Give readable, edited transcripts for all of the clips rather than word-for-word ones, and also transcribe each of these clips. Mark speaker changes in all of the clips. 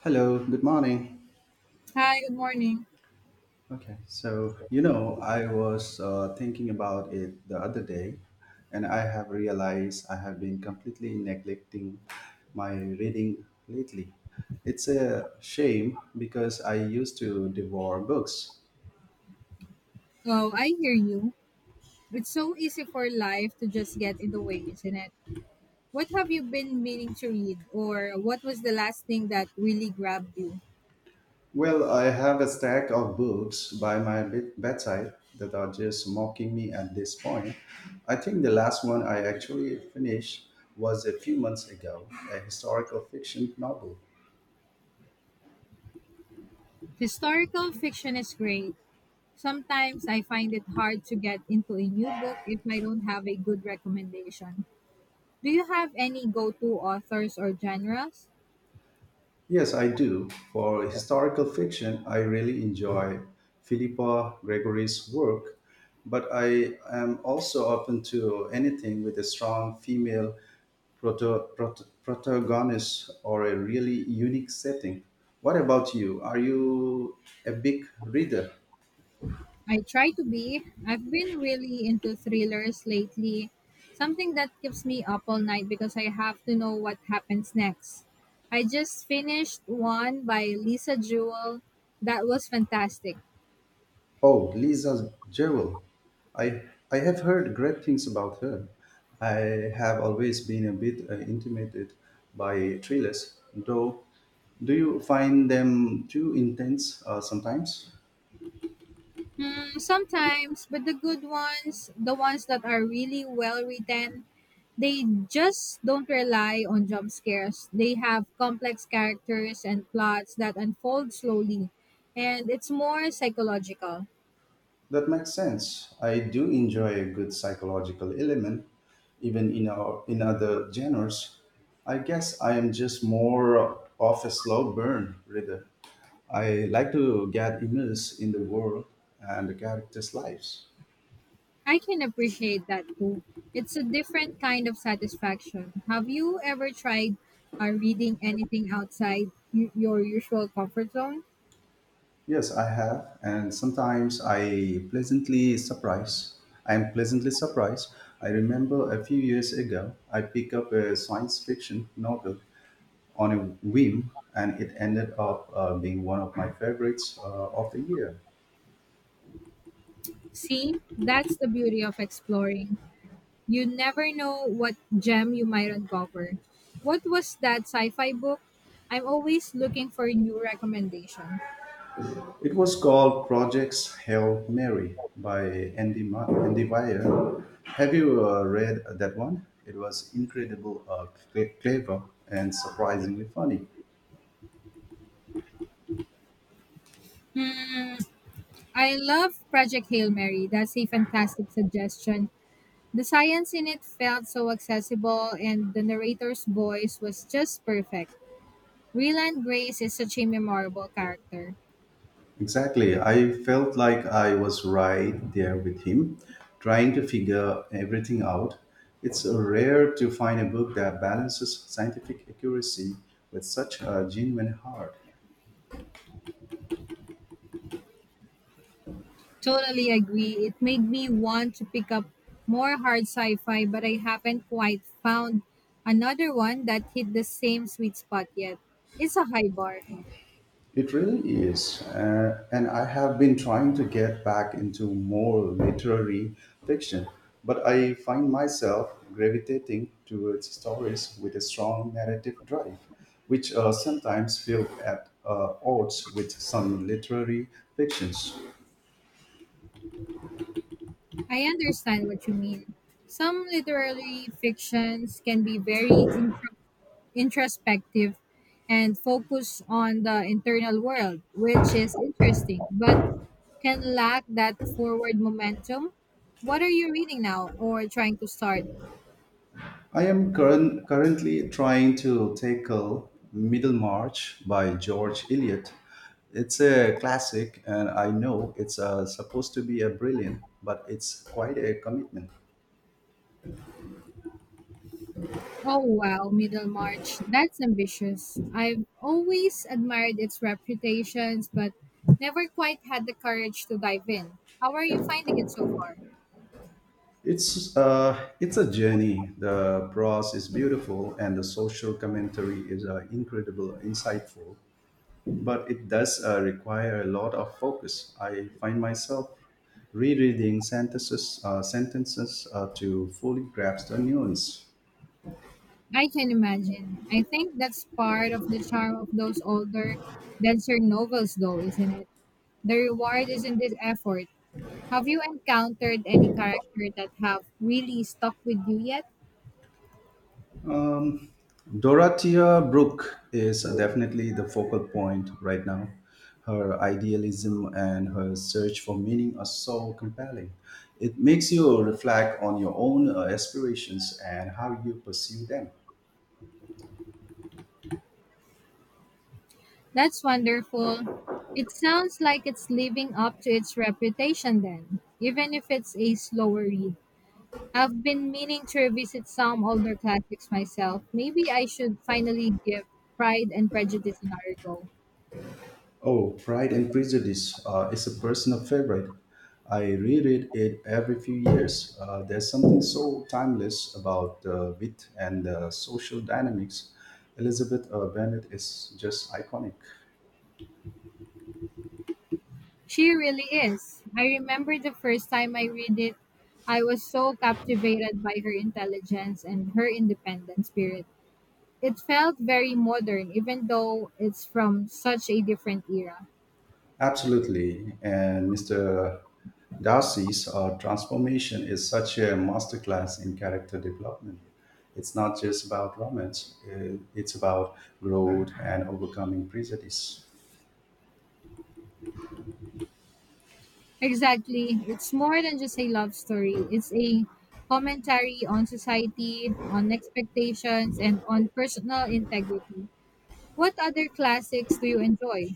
Speaker 1: Hello, good morning.
Speaker 2: Hi, good morning.
Speaker 1: Okay, I was thinking about it the other day, and I have realized I have been completely neglecting my reading lately. It's a shame because I used to devour books.
Speaker 2: Oh, I hear you. It's so easy for life to just get in the way, isn't it? What have you been meaning to read, or what was the last thing that really grabbed you?
Speaker 1: Well, I have a stack of books by my bedside that are just mocking me at this point. I think the last one I actually finished was a few months ago, a historical fiction novel.
Speaker 2: Historical fiction is great. Sometimes I find it hard to get into a new book if I don't have a good recommendation. Do you have any go to authors or genres?
Speaker 1: Yes, I do. For historical fiction, I really enjoy Philippa Gregory's work, but I am also open to anything with a strong female protagonist or a really unique setting. What about you? Are you a big reader?
Speaker 2: I try to be. I've been really into thrillers lately, something that keeps me up all night because I have to know what happens next. I just finished one by Lisa Jewell that was fantastic.
Speaker 1: Oh, Lisa Jewell. I I have heard great things about her. I have always been a bit intimidated by thrillers, though. Do you find them too intense sometimes?
Speaker 2: Hmm, sometimes, but the good ones, the ones that are really well written, they just don't rely on jump scares. They have complex characters and plots that unfold slowly, and it's more psychological.
Speaker 1: That makes sense. I do enjoy a good psychological element, even in our in other genres. I guess I am just more of a slow burn reader. I like to get immersed in the world and the characters' lives.
Speaker 2: I can appreciate that too. It's a different kind of satisfaction. Have you ever tried reading anything outside your usual comfort zone?
Speaker 1: Yes, I have, and sometimes I am pleasantly surprised. I remember a few years ago, I picked up a science fiction novel on a whim, and it ended up being one of my favorites of the year.
Speaker 2: See, that's the beauty of exploring. You never know what gem you might uncover. What was that sci fi book? I'm always looking for a new recommendation.
Speaker 1: It was called Projects Hail Mary by Andy Weir. Have you read that one? It was incredible, clever, and surprisingly funny.
Speaker 2: I love Project Hail Mary. That's a fantastic suggestion. The science in it felt so accessible, and the narrator's voice was just perfect. Ryland Grace is such a memorable character.
Speaker 1: Exactly. I felt like I was right there with him, trying to figure everything out. It's rare to find a book that balances scientific accuracy with such a genuine heart.
Speaker 2: Totally agree. It made me want to pick up more hard sci fi, but I haven't quite found another one that hit the same sweet spot yet. It's a high bar.
Speaker 1: It really is. And I have been trying to get back into more literary fiction, but I find myself gravitating towards stories with a strong narrative drive, which sometimes feel at odds with some literary fictions.
Speaker 2: I understand what you mean. Some literary fictions can be very introspective and focus on the internal world, which is interesting, but can lack that forward momentum. What are you reading now or trying to start?
Speaker 1: I am currently trying to tackle Middlemarch by George Eliot. It's a classic, and I know it's supposed to be a brilliant, but it's quite a commitment.
Speaker 2: Oh wow, Middlemarch. That's ambitious. I've always admired its reputations, but never quite had the courage to dive in. How are you finding it so far?
Speaker 1: It's a journey. The prose is beautiful, and the social commentary is insightful. But it does require a lot of focus. I find myself rereading sentences to fully grasp the nuance.
Speaker 2: I can imagine. I think that's part of the charm of those older, denser novels, though, isn't it? The reward is in this effort. Have you encountered any character that have really stuck with you yet?
Speaker 1: Dorothea Brooke is definitely the focal point right now. Her idealism and her search for meaning are so compelling. It makes you reflect on your own aspirations and how you pursue them.
Speaker 2: That's wonderful. It sounds like it's living up to its reputation then, even if it's a slower read. I've been meaning to revisit some older classics myself. Maybe I should finally give Pride and Prejudice another go.
Speaker 1: Oh, Pride and Prejudice is a personal favorite. I reread it every few years. There's something so timeless about the wit and the social dynamics. Elizabeth Bennet is just iconic.
Speaker 2: She really is. I remember the first time I read it, I was so captivated by her intelligence and her independent spirit. It felt very modern, even though it's from such a different era.
Speaker 1: Absolutely. And Mr. Darcy's transformation is such a masterclass in character development. It's not just about romance, it's about growth and overcoming prejudice.
Speaker 2: Exactly. It's more than just a love story. It's a commentary on society, on expectations, and on personal integrity. What other classics do you enjoy?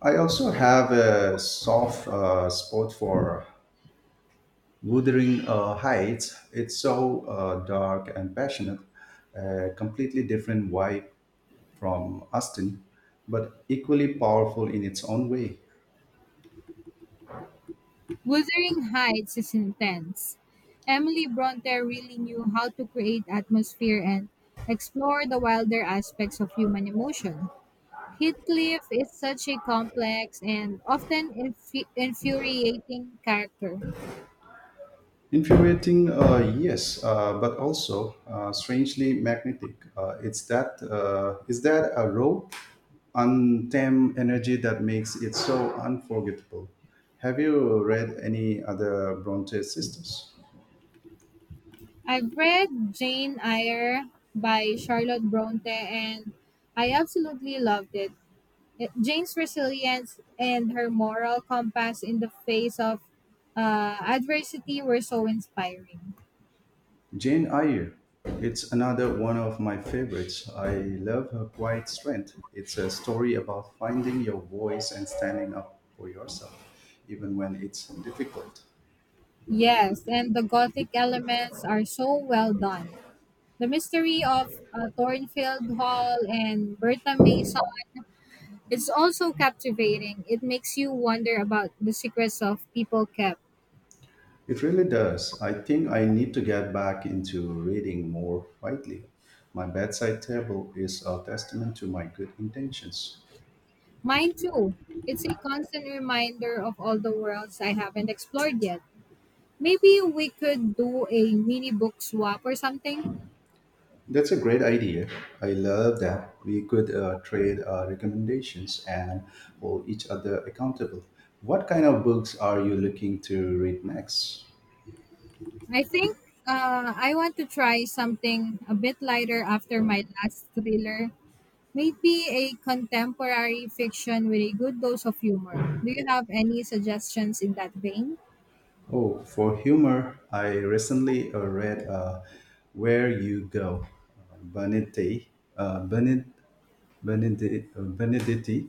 Speaker 1: I also have a soft spot for Wuthering Heights. It's so dark and passionate, a completely different vibe from Austin, but equally powerful in its own way.
Speaker 2: Wuthering Heights is intense. Emily Bronte really knew how to create atmosphere and explore the wilder aspects of human emotion. Heathcliff is such a complex and often infuriating character.
Speaker 1: Infuriating, yes, but also strangely magnetic. It's that is that a raw, untamed energy that makes it so unforgettable. Have you read any other Bronte sisters?
Speaker 2: I've read Jane Eyre by Charlotte Bronte and I absolutely loved it. Jane's resilience and her moral compass in the face of adversity were so inspiring.
Speaker 1: Jane Eyre. It's another one of my favorites. I love her quiet strength. It's a story about finding your voice and standing up for yourself, even when it's difficult.
Speaker 2: Yes, and the gothic elements are so well done. The mystery of Thornfield Hall and Bertha Mason is also captivating. It makes you wonder about the secrets of people kept.
Speaker 1: It really does. I think I need to get back into reading more widely. My bedside table is a testament to my good intentions.
Speaker 2: Mine too. It's a constant reminder of all the worlds I haven't explored yet. Maybe we could do a mini book swap or something.
Speaker 1: That's a great idea. I love that we could trade recommendations and hold each other accountable. What kind of books are you looking to read next?
Speaker 2: I think I want to try something a bit lighter after my last thriller. Maybe a contemporary fiction with a good dose of humor. Do you have any suggestions in that vein?
Speaker 1: Oh, for humor, I recently read Where You Go, Benedetti, Bened, Benedetti, Benedetti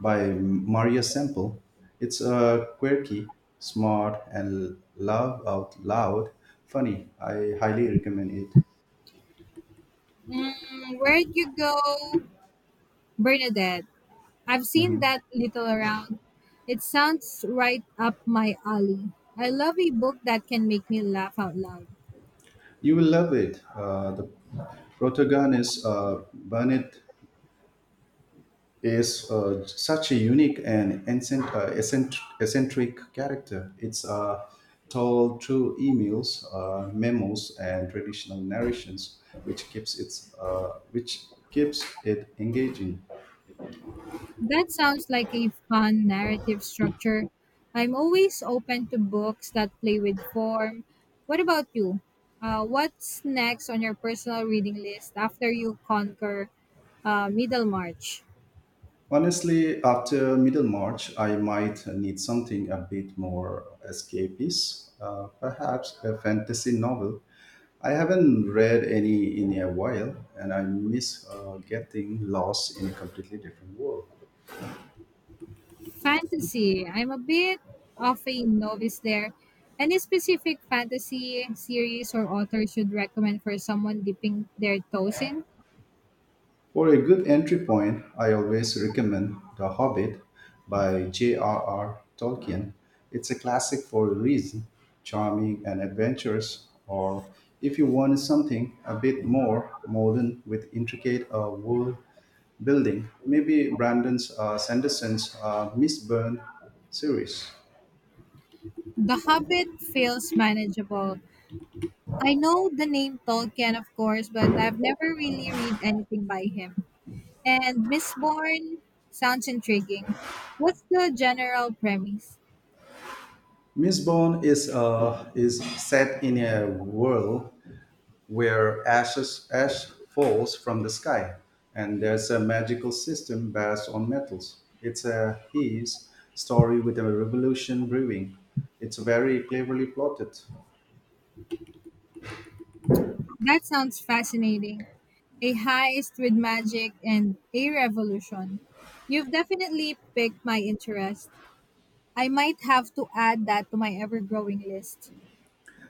Speaker 1: by Maria Semple. It's quirky, smart, and laugh out loud funny. I highly recommend it.
Speaker 2: Mm, where'd you go, Bernadette? I've seen that little around. It sounds right up my alley. I love a book that can make me laugh out loud.
Speaker 1: You will love it. The protagonist, Bennett is such a unique and eccentric character. It's told through emails, memos, and traditional narrations, which keeps it engaging.
Speaker 2: That sounds like a fun narrative structure. I'm always open to books that play with form. What about you? What's next on your personal reading list after you conquer Middlemarch?
Speaker 1: Honestly, after Middlemarch, I might need something a bit more escapist, perhaps a fantasy novel. I haven't read any in a while, and I miss getting lost in a completely different world.
Speaker 2: Fantasy. I'm a bit of a novice there. Any specific fantasy series or author should recommend for someone dipping their toes in?
Speaker 1: For a good entry point, I always recommend The Hobbit by J.R.R. Tolkien. It's a classic for a reason, charming and adventurous, or if you want something a bit more modern with intricate world building, maybe Brandon's Sanderson's Miss Byrne series.
Speaker 2: The Hobbit feels manageable. I know the name Tolkien, of course, but I've never really read anything by him. And Miss Bourne sounds intriguing. What's the general premise?
Speaker 1: Miss Bond is set in a world where ash falls from the sky, and there's a magical system based on metals. It's a his story with a revolution brewing. It's very cleverly plotted.
Speaker 2: That sounds fascinating. A heist with magic and a revolution. You've definitely piqued my interest. I might have to add that to my ever growing list.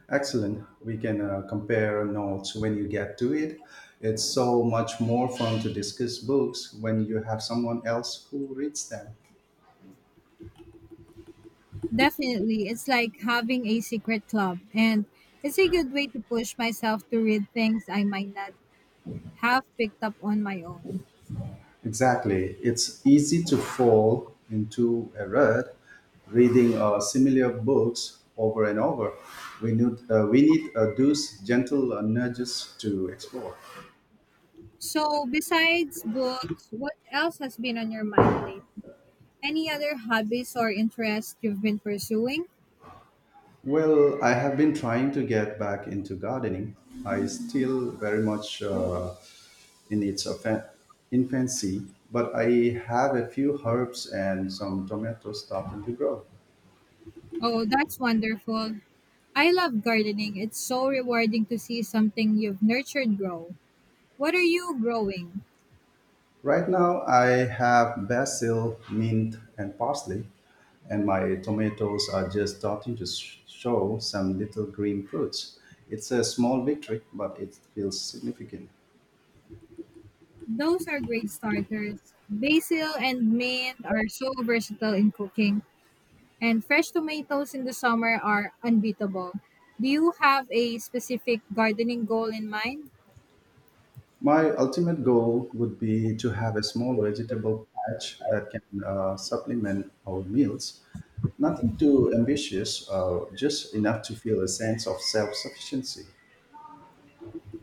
Speaker 1: Excellent. We can compare notes when you get to it. It's so much more fun to discuss books when you have someone else who reads them.
Speaker 2: Definitely, it's like having a secret club, and it's a good way to push myself to read things I might not have picked up on my own.
Speaker 1: Exactly. It's easy to fall into a rut reading similar books over and over. We need those gentle nudges to explore.
Speaker 2: So, besides books, what else has been on your mind lately? Any other hobbies or interests you've been pursuing?
Speaker 1: Well, I have been trying to get back into gardening. I still very much in its infancy, but I have a few herbs and some tomatoes starting to grow.
Speaker 2: Oh, that's wonderful. I love gardening. It's so rewarding to see something you've nurtured grow. What are you growing?
Speaker 1: Right now, I have basil, mint, and parsley, and my tomatoes are just starting to show some little green fruits. It's a small victory, but it feels significant.
Speaker 2: Those are great starters. Basil and mint are so versatile in cooking, and fresh tomatoes in the summer are unbeatable. Do you have a specific gardening goal in mind?
Speaker 1: My ultimate goal would be to have a small vegetable patch that can supplement our meals. Nothing too ambitious, just enough to feel a sense of self sufficiency.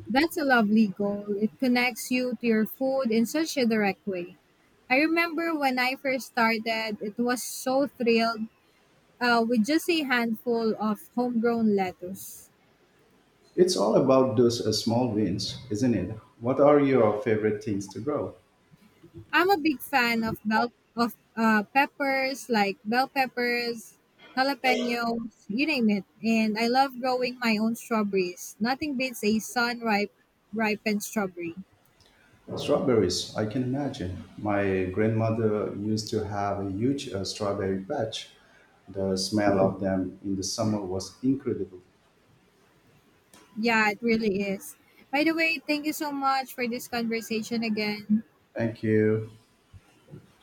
Speaker 2: That's a lovely goal. It connects you to your food in such a direct way. I remember when I first started, it was so thrilled with just a handful of homegrown lettuce.
Speaker 1: It's all about those small wins, isn't it? What are your favorite things to grow?
Speaker 2: I'm a big fan of bell of peppers like bell peppers, jalapenos, you name it, and I love growing my own strawberries. Nothing beats a sun ripe ripened strawberry.
Speaker 1: Strawberries, I can imagine. My grandmother used to have a huge strawberry patch. The smell of them in the summer was incredible.
Speaker 2: Yeah, it really is. By the way, thank you so much for this conversation again.
Speaker 1: Thank you.